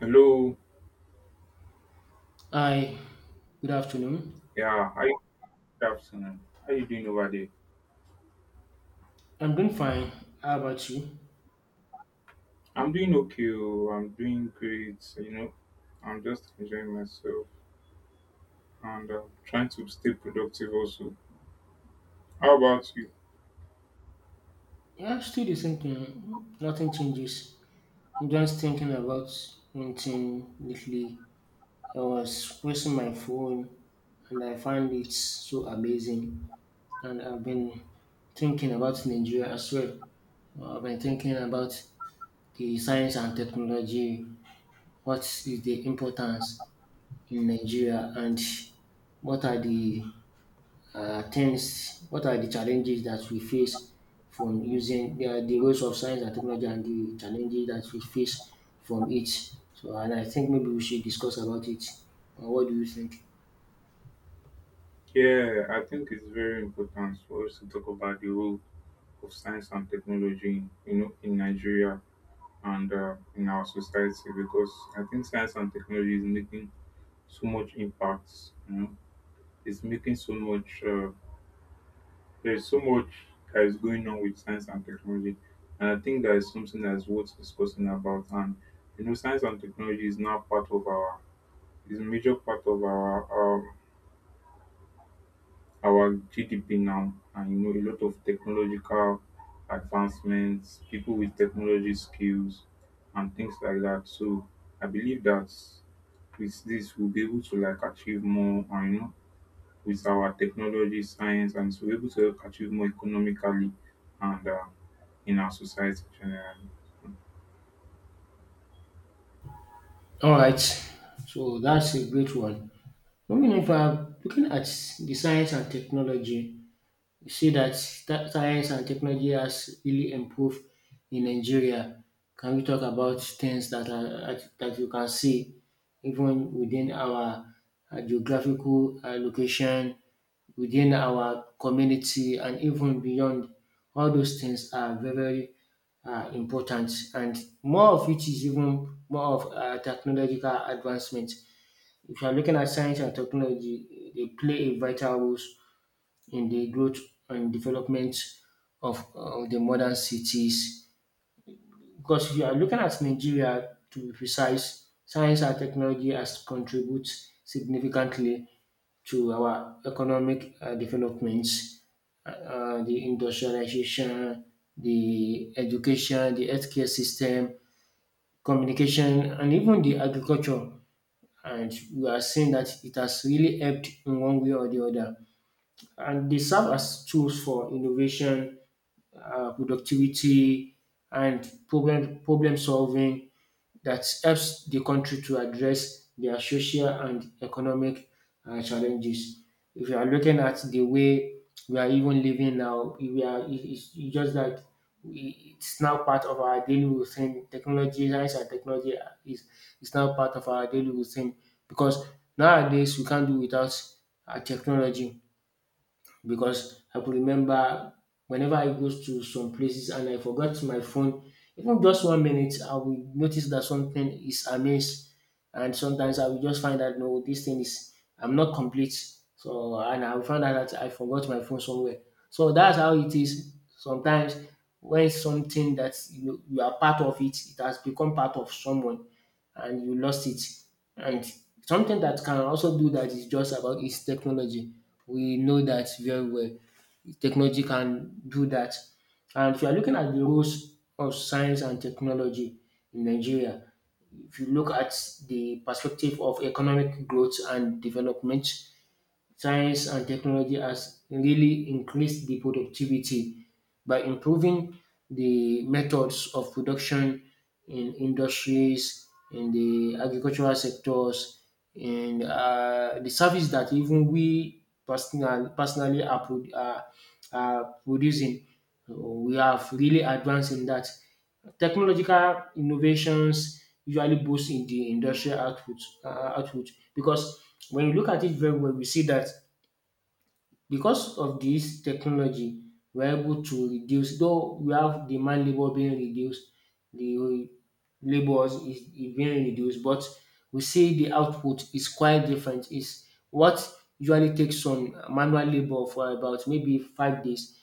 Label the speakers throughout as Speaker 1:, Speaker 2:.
Speaker 1: Hello.
Speaker 2: Hi, good afternoon.
Speaker 1: Yeah, hi. Good afternoon. How you doing over there?
Speaker 2: I'm doing fine. How about you?
Speaker 1: I'm doing okay. Oh, I'm doing great. You know, I'm just enjoying myself and trying to stay productive also. How about you?
Speaker 2: Yeah, still the same thing. Nothing changes. I'm just thinking about one thing lately. I was pressing my phone and I find it so amazing. And I've been thinking about Nigeria as well. I've been thinking about the science and technology. What is the importance in Nigeria and what are the things, what are the challenges that we face from using, yeah, the ways of science and technology and the challenges that we face from it. So, and I think maybe we should discuss about it. What do you think?
Speaker 1: Yeah, I think it's very important for us to talk about the role of science and technology, you know, in Nigeria and in our society because I think science and technology is making so much impact. You know, it's making so much. There's so much that is going on with science and technology, and I think that is something that's worth discussing about. And you know, science and technology is now part of our is a major part of um, our GDP now, and you know, a lot of technological advancements, people with technology skills, and things like that. So I believe that with this, we'll be able to like achieve more, and you know with our technology, science, and so we're able to help achieve more economically and in our society generally.
Speaker 2: All right. So that's a great one. Moving on, if I'm looking at the science and technology, you see that science and technology has really improved in Nigeria. Can we talk about things that are that you can see even within our geographical location, within our community, and even beyond? All those things are very very important, and more of it is even more of technological advancement. If you are looking at science and technology, they play a vital role in the growth and development of the modern cities. Because if you are looking at Nigeria, to be precise, science and technology has contributed significantly to our economic developments, the industrialization, the education, the healthcare system, communication, and even the agriculture. And we are seeing that it has really helped in one way or the other. And they serve as tools for innovation, productivity, and problem solving that helps the country to address their social and economic challenges. If you are looking at the way we are even living now, we are it's just that it's now part of our daily routine. Technology, science, and technology is is now part of our daily routine because nowadays we can't do without technology because I could remember whenever I goes to some places and I forgot my phone, even just 1 minute, I will notice that something is amiss. And sometimes I will just find that, no, this thing is, I'm not complete. So, and I will find out that I forgot my phone somewhere. So that's how it is sometimes when something that you are part of it, it has become part of someone and you lost it. And something that can also do that is just about its technology. We know that very well. Technology can do that. And if you are looking at the roles of science and technology in Nigeria, if you look at the perspective of economic growth and development, science and technology has really increased the productivity by improving the methods of production in industries, in the agricultural sectors, in the service that even we personally are producing. So we have really advanced in that. Technological innovations usually boost in the industrial output because when you look at it very well, we see that because of this technology, we're able to reduce, though we have the man labor being reduced, the labor is being reduced, but we see the output is quite different. Is what usually takes some manual labor for about maybe 5 days,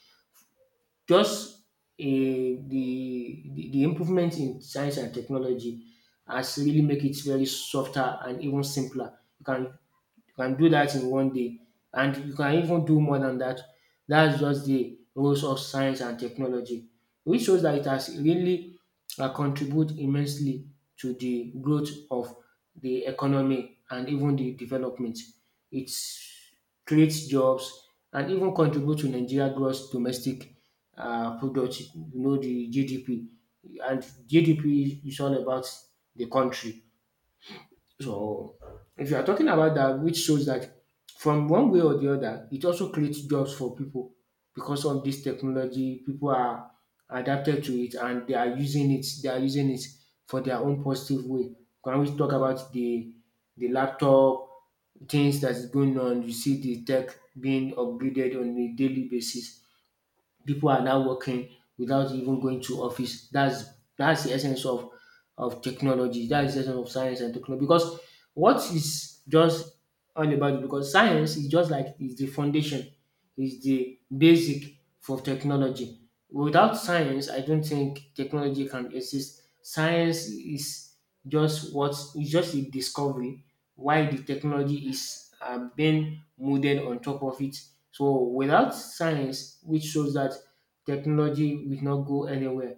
Speaker 2: just the improvement in science and technology has really make it very softer and even simpler. You can do that in 1 day and you can even do more than that. That's just the roles of science and technology, which shows that it has really contribute immensely to the growth of the economy and even the development. It creates jobs and even contribute to Nigeria gross domestic product, you know, the GDP. And GDP is all about the country. So if you are talking about that, which shows that from one way or the other, it also creates jobs for people. Because of this technology, people are adapted to it and they are using it. They are using it for their own positive way. Can we talk about the laptop things that is going on? You see the tech being upgraded on a daily basis. People are now working without even going to office. That's the essence of technology. That is the essence of science and technology. Because what is just all about it, because science is just like is the foundation, is the basic for technology. Without science, I don't think technology can exist. Science is just what is just a discovery why the technology is being molded on top of it. So without science, which shows that technology will not go anywhere.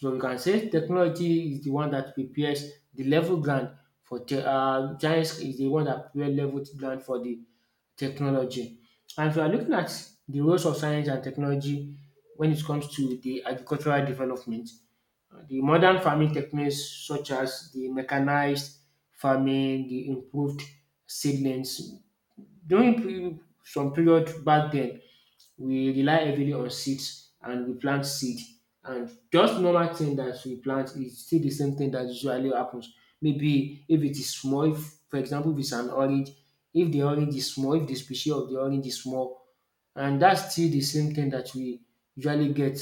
Speaker 2: So we can say technology is the one that prepares the level ground for science is the one that prepares level ground for the technology. And if you are looking at the roles of science and technology when it comes to the agricultural development, the modern farming techniques such as the mechanized farming, the improved seedlings. During some period back then, we rely heavily on seeds and we plant seed. And just normal thing that we plant is still the same thing that usually happens. Maybe if it is small, if, for example, if it's an orange, if the orange is small, if the species of the orange is small, and that's still the same thing that we usually get.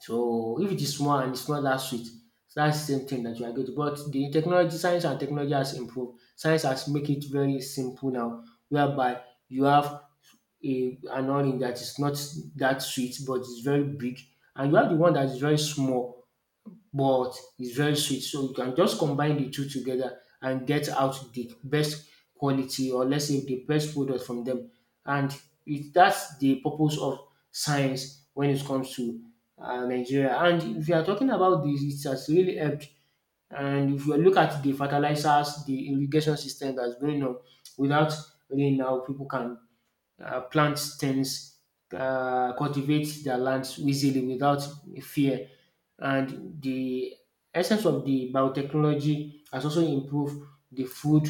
Speaker 2: So if it is small and it's not that sweet, that's that same thing that you are getting. But the technology, science and technology has improved. Science has make it very simple now, whereby you have a an onion that is not that sweet but it's very big, and you have the one that is very small but it's very sweet. So you can just combine the two together and get out the best quality, or let's say the best product from them. And it, that's the purpose of science when it comes to Nigeria. And if you are talking about this, it has really helped. And if you look at the fertilizers, the irrigation system that's going on, without rain now, people can plant stems, cultivate their lands easily without fear. And the essence of the biotechnology has also improved the food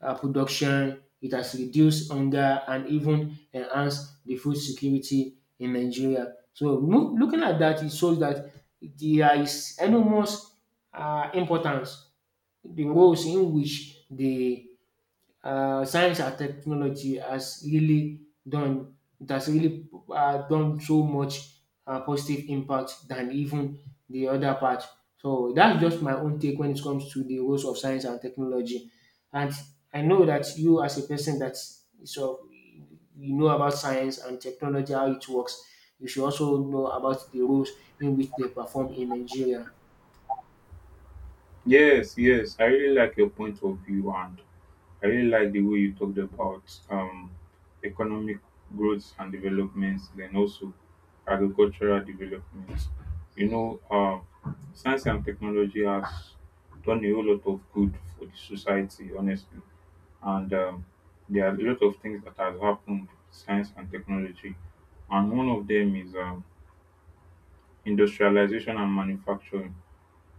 Speaker 2: production. It has reduced hunger and even enhanced the food security in Nigeria. So looking at that, it shows that there is enormous importance, the roles in which the science and technology has really done, it has really done so much positive impact than even the other part. So that's just my own take when it comes to the roles of science and technology. And I know that you, as a person that so you know about science and technology, how it works, you should also know about the roles in which they perform in Nigeria.
Speaker 1: Yes, yes. I really like your point of view and I really like the way you talked about economic growth and developments, then also agricultural developments. You know, science and technology has done a whole lot of good for the society, honestly. And there are a lot of things that has happened, with science and technology. And one of them is industrialization and manufacturing,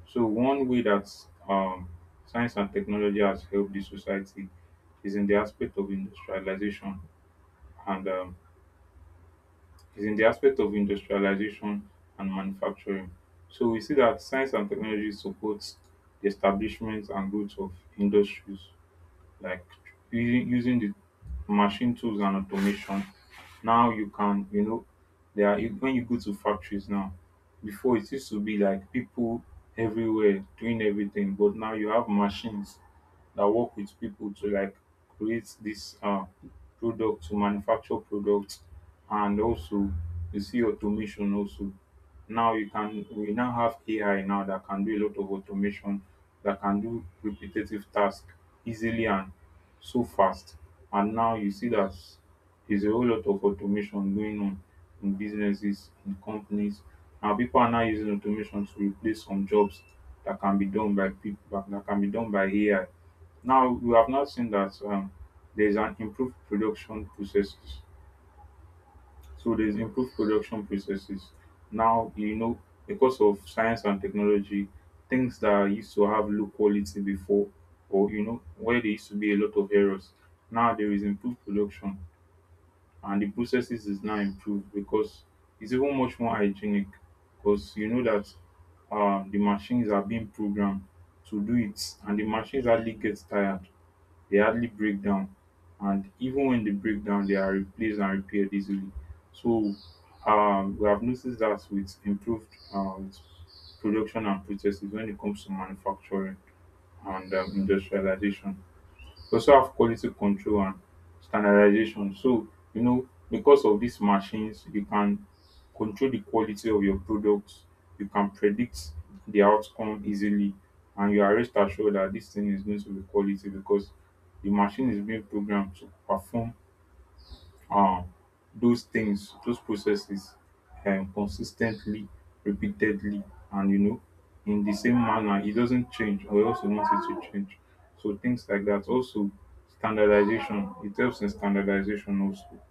Speaker 1: so one way that um, science and technology has helped the society is in the aspect of industrialization and is in the aspect of industrialization and manufacturing. So we see that science and technology supports the establishment and growth of industries, like using the machine tools and automation. Now you can, you know, there are, when you go to factories now, before it used to be like people everywhere doing everything, but now you have machines that work with people to like create this product, to manufacture products. And also you see automation also. Now you can, we now have AI now that can do a lot of automation, that can do repetitive tasks easily and so fast. And now you see that there's a whole lot of automation going on in businesses, in companies, and people are now using automation to replace some jobs that can be done by people, that can be done by AI. Now we have now seen that there's an improved production processes. So there's improved production processes. Now you know, because of science and technology, things that used to have low quality before, or you know where there used to be a lot of errors, now there is improved production, and the processes is now improved because it's even much more hygienic. Because you know that the machines are being programmed to do it, and the machines hardly get tired, they hardly break down, and even when they break down they are replaced and repaired easily. So we have noticed that with improved with production and processes when it comes to manufacturing and industrialization, we also have quality control and standardization. So, you know, because of these machines, you can control the quality of your products, you can predict the outcome easily, and you are rest assured that this thing is going to be quality because the machine is being programmed to perform um those things, those processes consistently, repeatedly, and you know, in the same manner, it doesn't change, or else you want it to change. So things like that. Also, standardization. It helps in standardization also.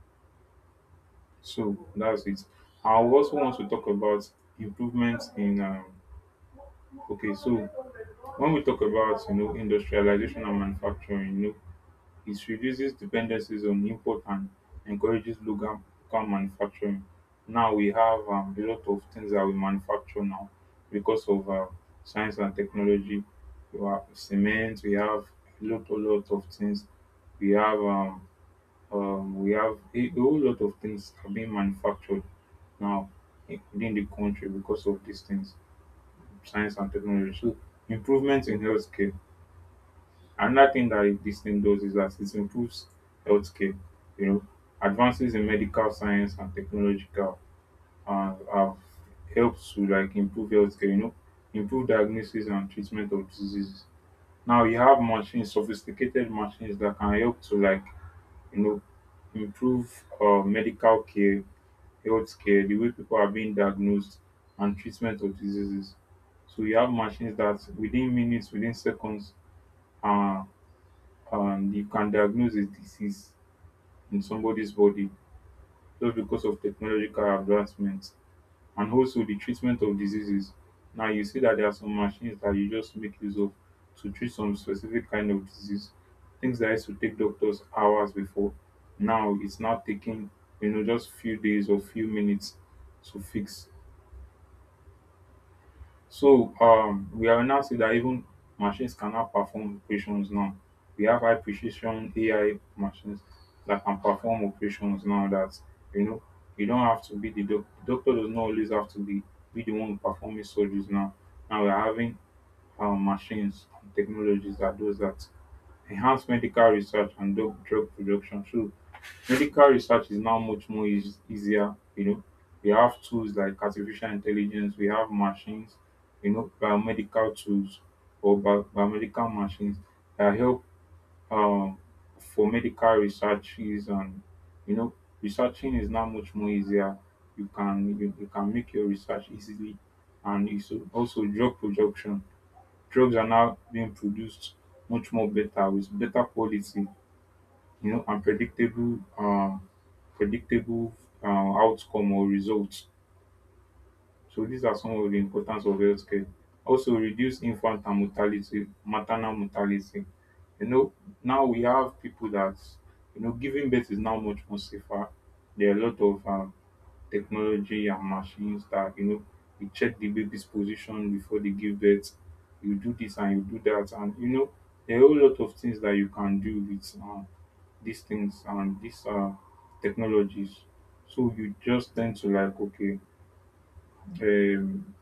Speaker 1: So that's it. I also want to talk about improvements in. Okay, so when we talk about, you know, industrialization and manufacturing, you know it reduces dependencies on import and encourages local manufacturing. Now we have a lot of things that we manufacture now because of science and technology. We have cement. We have a lot of things. We have um, we have a whole lot of things are being manufactured now in- within the country because of these things, science and technology. So improvements in healthcare. Another thing that this thing does is that it improves healthcare. You know, advances in medical science and technological have helped to like improve healthcare. You know, improve diagnosis and treatment of diseases. Now you have machines, sophisticated machines that can help to like, you know, improve medical care, healthcare, the way people are being diagnosed and treatment of diseases. So you have machines that within minutes, within seconds, uh. And you can diagnose a disease in somebody's body just because of technological advancements and also the treatment of diseases. Now you see that there are some machines that you just make use of to treat some specific kind of disease. Things that used to take doctors hours before, now it's now taking, you know, just few days or few minutes to fix. So we are now seeing that even machines can now perform operations now. We have high precision AI machines that can perform operations now, that you know, you don't have to be the doctor does not always have to be the one performing surgeries now. Now we're having machines and technologies are those that enhance medical research and drug production. So medical research is now much more easier. You know, we have tools like artificial intelligence, we have machines, you know, biomedical tools or biomedical machines that help um, for medical researches and, you know, researching is now much more easier. You can you can make your research easily. And it's also drug production. Drugs are now being produced much more better with better quality, you know, and predictable predictable outcome or results. So these are some of the importance of healthcare. Also reduce infant and mortality, maternal mortality. You know, now we have people that, you know, giving birth is now much more safer. There are a lot of technology and machines that, you know, you check the baby's position before they give birth, you do this and you do that, and you know there are a whole lot of things that you can do with these things and these technologies. So you just tend to like okay, um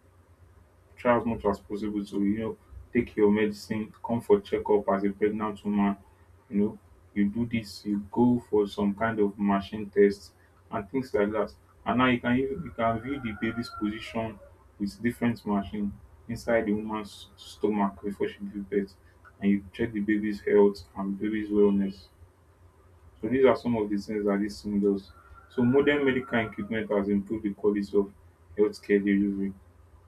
Speaker 1: try as much as possible to, you know, take your medicine, come for checkup as a pregnant woman. You know, you do this, you go for some kind of machine test and things like that. And now you can even- you can view the baby's position with different machine inside the woman's stomach before she gives birth, and you check the baby's health and baby's wellness. So these are some of the things that this thing does. So modern medical equipment has improved the quality of healthcare delivery.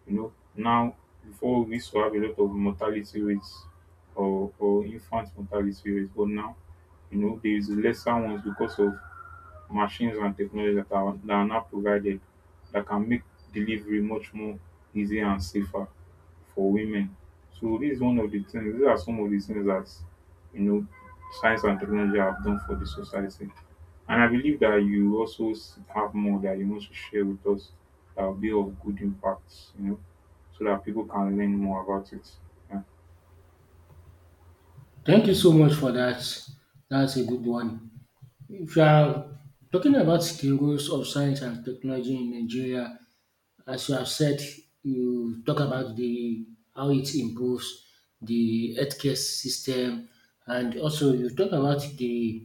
Speaker 1: You know, now before we used to have a lot of mortality rates or infant mortality rates, but now, you know, there is lesser ones because of machines and technology that are now provided that can make delivery much more easier and safer for women. So this is one of the things, these are some of the things that, you know, science and technology have done for the society. And I believe that you also have more that you want to share with us that will be of good impact, you know, so that people can learn more about it. Yeah.
Speaker 2: Thank you so much for that. That's a good one. If you are talking about the roles of science and technology in Nigeria, as you have said, you talk about the how it improves the healthcare system, and also you talk about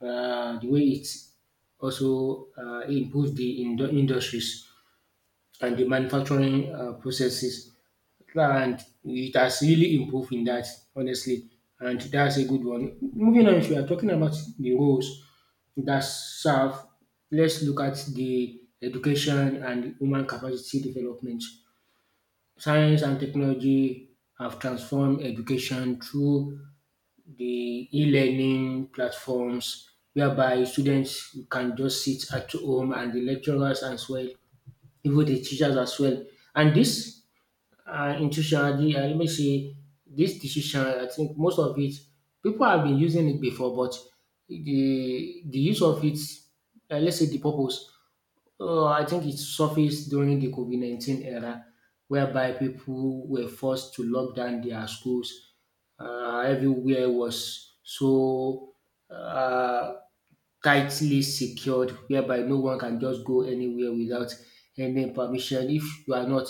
Speaker 2: the way it also improves the industries and the manufacturing processes. And it has really improved in that, honestly. And that's a good one. Moving on, if you are talking about the roles that serve, let's look at the education and human capacity development. Science and technology have transformed education through the e learning platforms, whereby students can just sit at home and the lecturers as well, even the teachers as well. And this intuition, let me say, this decision, I think most of it, people have been using it before, but the use of it, let's say the purpose, I think it surfaced during the COVID 19 era, whereby people were forced to lock down their schools. Everywhere was so uh, tightly secured whereby no one can just go anywhere without any permission. If you are not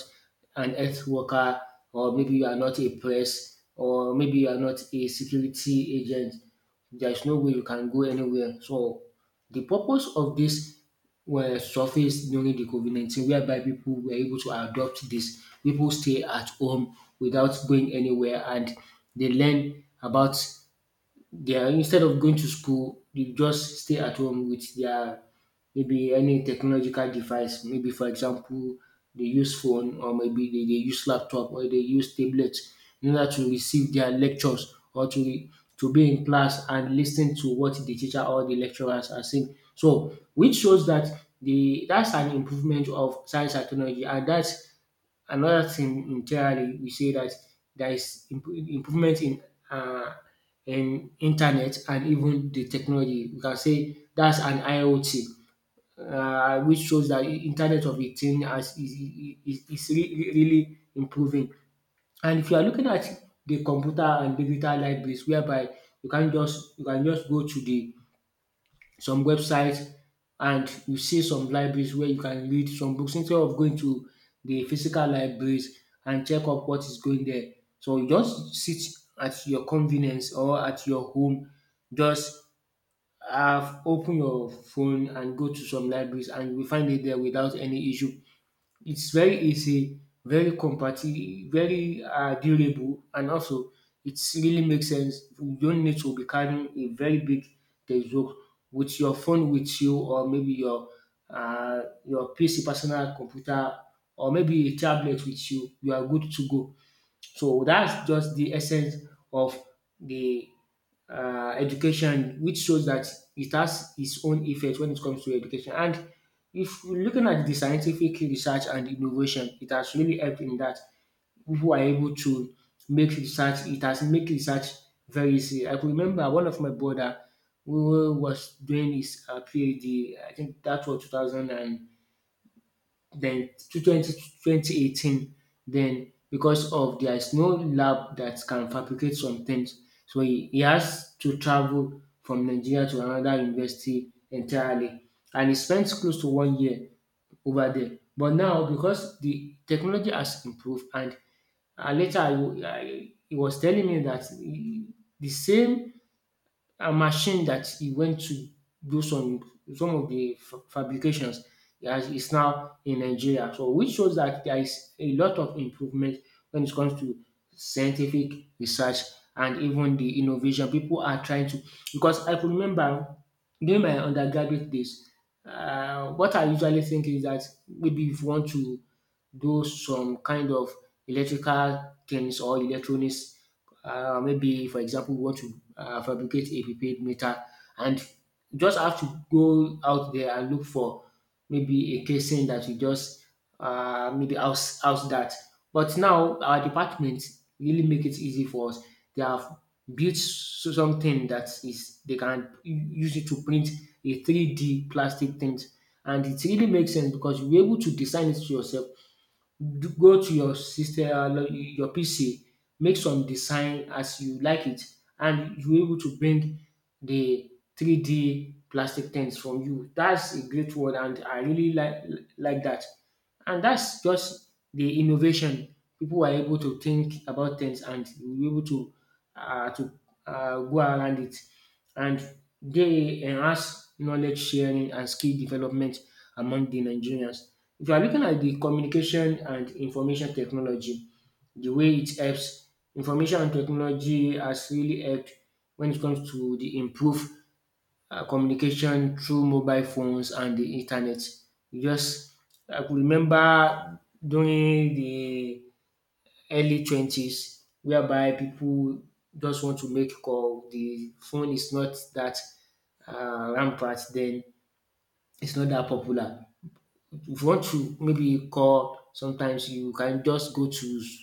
Speaker 2: an earth worker or maybe you are not a press or maybe you are not a security agent, there is no way you can go anywhere. So the purpose of this were surfaced during the COVID 19 whereby people were able to adopt this. People stay at home without going anywhere and they learn about they are instead of going to school, they just stay at home with their maybe any technological device. Maybe for example, they use phone or maybe they use laptop or they use tablet in order to receive their lectures or to to be in class and listen to what the teacher or the lecturers are saying. So which shows that the that's an improvement of science and technology and that's another thing entirely. We say that there is improvement uh, in internet and even the technology. We can say that's an IoT, which shows that internet of a thing as is, is really, really improving. And if you are looking at the computer and digital libraries, whereby you can just go to the some websites, and you see some libraries where you can read some books instead of going to the physical libraries and check up what is going there. So you just sit at your convenience or at your home, just have open your phone and go to some libraries, and you will find it there without any issue. It's very easy, very very durable, and also it really makes sense. You don't need to be carrying a very big textbook with your phone with you, or maybe uh, your PC, personal computer, or maybe a tablet with you. You are good to go. So that's just the essence of the education, which shows that it has its own effect when it comes to education. And if you're looking at the scientific research and innovation, it has really helped in that people are able to make research. It has make research very easy. I could remember one of my brother who was doing his PhD. I think that was 2000 and then to 20 2018, then because of there's no lab that can fabricate some things, so he has to travel from Nigeria to another university entirely, and he spent close to 1 year over there. But now because the technology has improved, and later he was telling me that the same a machine that he went to do some some of the fabrications as is now in Nigeria. So which shows that there is a lot of improvement when it comes to scientific research and even the innovation. People are trying to, because I could remember during my undergraduate days, what I usually think is that maybe if you want to do some kind of electrical things or electronics, maybe for example we want to fabricate a prepaid meter, and just have to go out there and look for maybe a casing that you just maybe house that. But now our department really make it easy for us. They have built something that is they can use it to print a 3D plastic thing, and it really makes sense because you're able to design it to yourself, do go to your system, your PC, make some design as you like it, and you able to bring the 3D plastic things from you. That's a great word, and I really like that. And that's just the innovation. People are able to think about things, and you able to um to go around it, and they enhance knowledge sharing and skill development among the Nigerians. If you are looking at the communication and information technology, the way it helps, information and technology has really helped when it comes to the improve communication through mobile phones and the internet. You just I could remember during the early twenties whereby people just want to make call. The phone is not that rampant then. It's not that popular. If you want to maybe call, sometimes you can just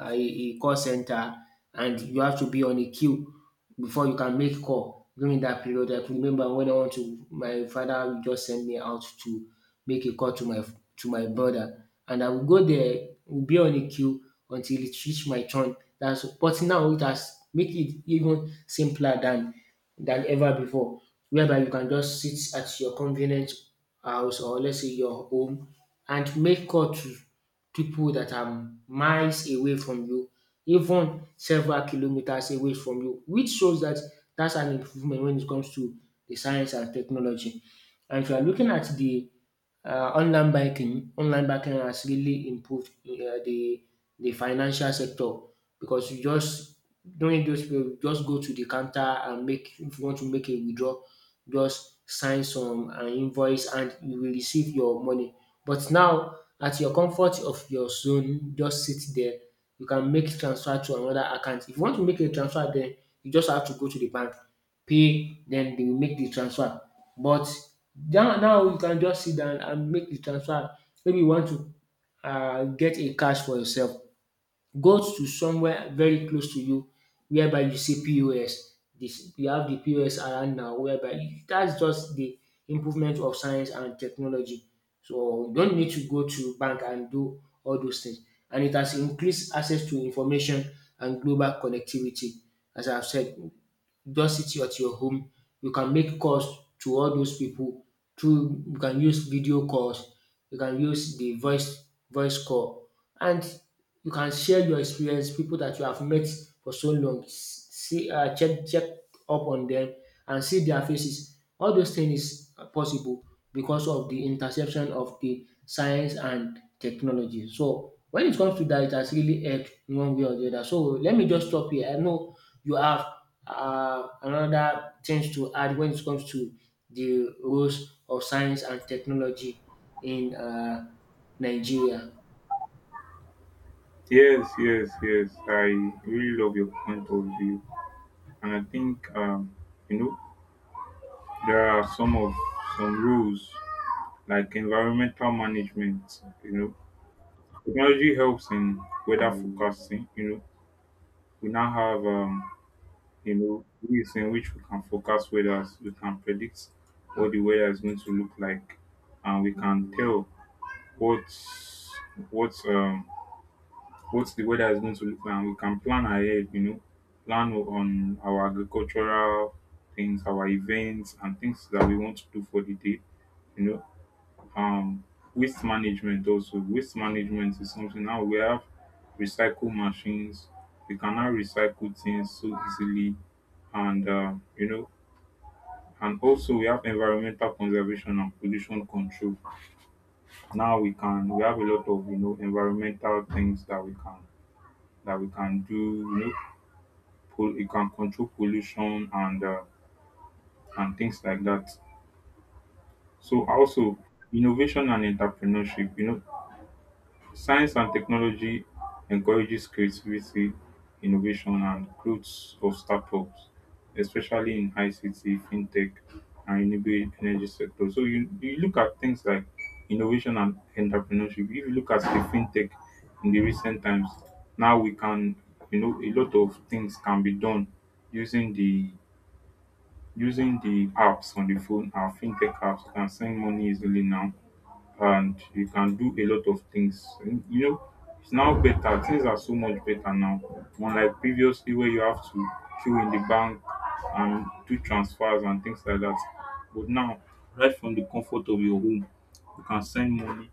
Speaker 2: a call center, and you have to be on a queue before you can make call during that period. I could remember when I want to, my father would just send me out to make a call to my brother, and I will go there, will be on a queue until it reach my turn. That's but now it has make it even simpler than ever before, whereby you can just sit at your convenient house or let's say your home and make call to people that are miles away from you, even several kilometers away from you, which shows that that's an improvement when it comes to the science and technology. And if you are looking at the online banking has really improved the financial sector, because you just during those period you just go to the counter and make, if you want to make a withdrawal, just sign some invoice, and you will receive your money. But now at your comfort of your zone, just sit there, you can make transfer to another account. If you want to make a transfer, then you just have to go to the bank, pay, then they will make the transfer. But now you can just sit down and make the transfer. Maybe you want to get a cash for yourself, go to somewhere very close to you whereby you see POS. This you have the POS around now whereby you- that's just the improvement of science and technology. So you don't need to go to bank and do all those things. And it has increased access to information and global connectivity. As I've said, just sit at your home. You can make calls to all those people through, you can use video calls, you can use the voice call, and you can share your experience, people that you have met for so long, see check up on them and see their faces. All those things is possible because of the interception of the science and technology. So when it comes to that, it has really helped in one way or the other. So let me just stop here. I know you have another things to add when it comes to the roles of science and technology in Nigeria.
Speaker 1: Yes, yes, yes. I really love your point of view. And I think, you know, there are some of some rules like environmental management. You know, technology helps in weather forecasting. You know, we now have you know, ways in which we can forecast weather. We can predict what the weather is going to look like, and we can tell what what um what the weather is going to look like. And we can plan ahead. You know, plan on our agricultural things, our events, and things that we want to do for the day. You know, um waste management also. Waste management is something, now we have recycle machines, we can now recycle things so easily. And you know, and also we have environmental conservation and pollution control. Now we can, we have a lot of, you know, environmental things that we can, that we can do, you know, you can control pollution and things like that. So also innovation and entrepreneurship, you know, science and technology encourages creativity, innovation, and growth of startups, especially in ICT, fintech, and renewable energy sector. So you look at things like innovation and entrepreneurship. If you look at the fintech in the recent times, now we can, you know, a lot of things can be done using the using the apps on the phone, our fintech apps. You can send money easily now, and you can do a lot of things. It's now better. Things are so much better now. Unlike previously, where you have to queue in the bank and do transfers and things like that. But now, right from the comfort of your home, you can send money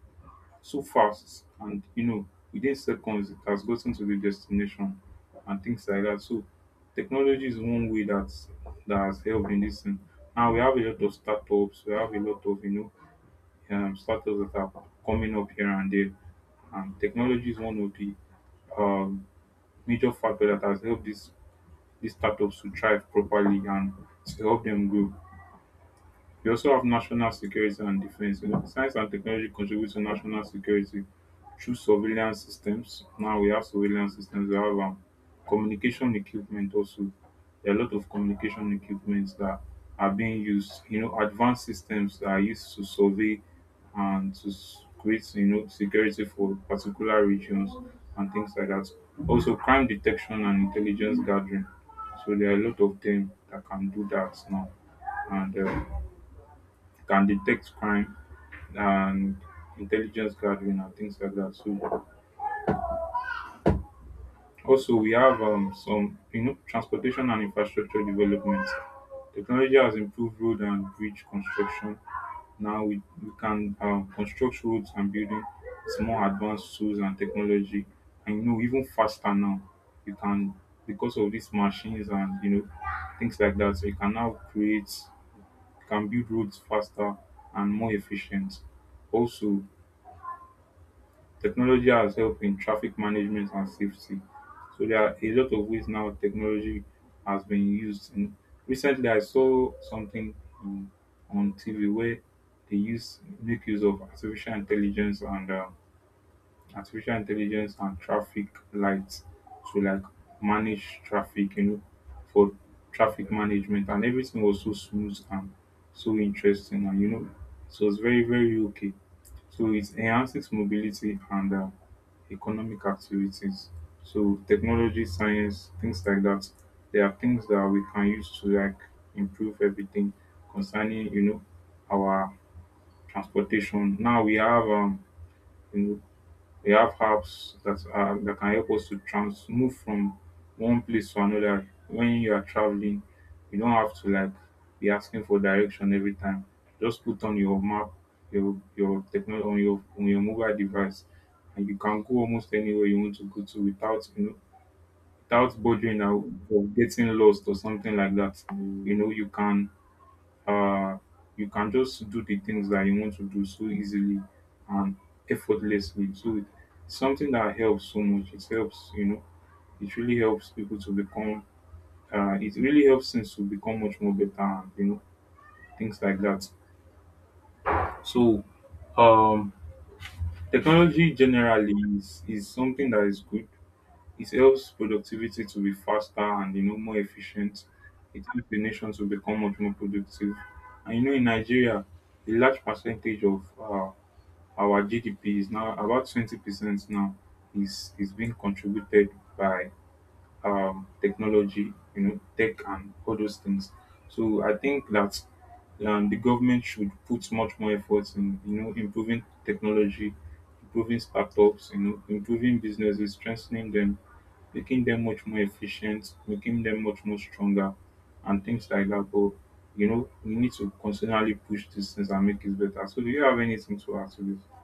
Speaker 1: so fast, and within seconds, it has gotten to the destination and things like that. So technology is one way that has helped in this thing. Now we have a lot of startups. We have a lot of startups that are coming up here and there. And technology is one of the um, major factor that has helped these startups to thrive properly and to help them grow. We also have national security and defence. Science and technology contribute to national security through surveillance systems. Now we have surveillance systems, we have communication equipment also. There are a lot of communication equipments that are being used, you know, advanced systems that are used to survey and to create, you know, security for particular regions and things like that. Also crime detection and intelligence gathering, so there are a lot of them that can do that now and can detect crime and intelligence gathering and things like that. So also we have some, you know, transportation and infrastructure development. Technology has improved road and bridge construction. Now we can construct roads and building with more advanced tools and technology, and you know even faster now. You can, because of these machines and you know things like that. So you can now create, you can build roads faster and more efficient. Also, technology has helped in traffic management and safety. So there are a lot of ways now technology has been recently, I saw something um, on TV where they use make use of artificial intelligence and traffic lights to like manage traffic. You know, for traffic management, and everything was so smooth and so interesting and, you know, so it's very very okay. So it enhances mobility and economic activities. So technology, science, things like that. There are things that we can use to like improve everything concerning, you know, our transportation. Now we have you know, we have apps that are that can help us to trans move from one place to another. When you are traveling, you don't have to like be asking for direction every time. Just put on your map, your technology on your mobile device, and you can go almost anywhere you want to go to without you know, without bothering out of getting lost or something like that. You know uh you can just do the things that you want to do so easily and effortlessly. So it's something that helps so much. It helps, you know, it really helps people to become, it really helps things to become much more better and you know things like that. So um technology generally is something that is good. It helps productivity to be faster and you know more efficient. It helps the nation to become much more productive. And you know, in Nigeria, a large percentage of our GDP is now about 20% now, is being contributed by technology, you know, tech and all those things. So I think that the government should put much more effort in, you know, improving technology, improving startups, you know, improving businesses, strengthening them, making them much more efficient, making them much more stronger, and things like that. But you know, we need to constantly push these things and make it better. So, do you have anything to add to this?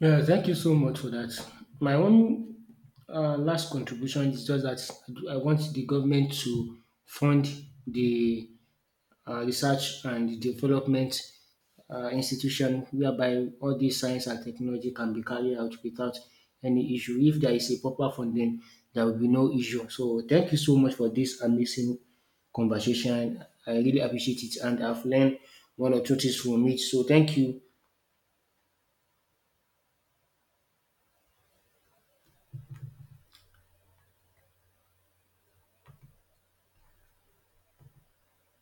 Speaker 2: Yeah, thank you so much for that. My own last contribution is just that I want the government to fund the research and development institution, whereby all these science and technology can be carried out without any issue. If there is a proper funding, there will be no issue. So thank you so much for this amazing conversation. I really appreciate it, and I've learned one or two things from it. So thank you.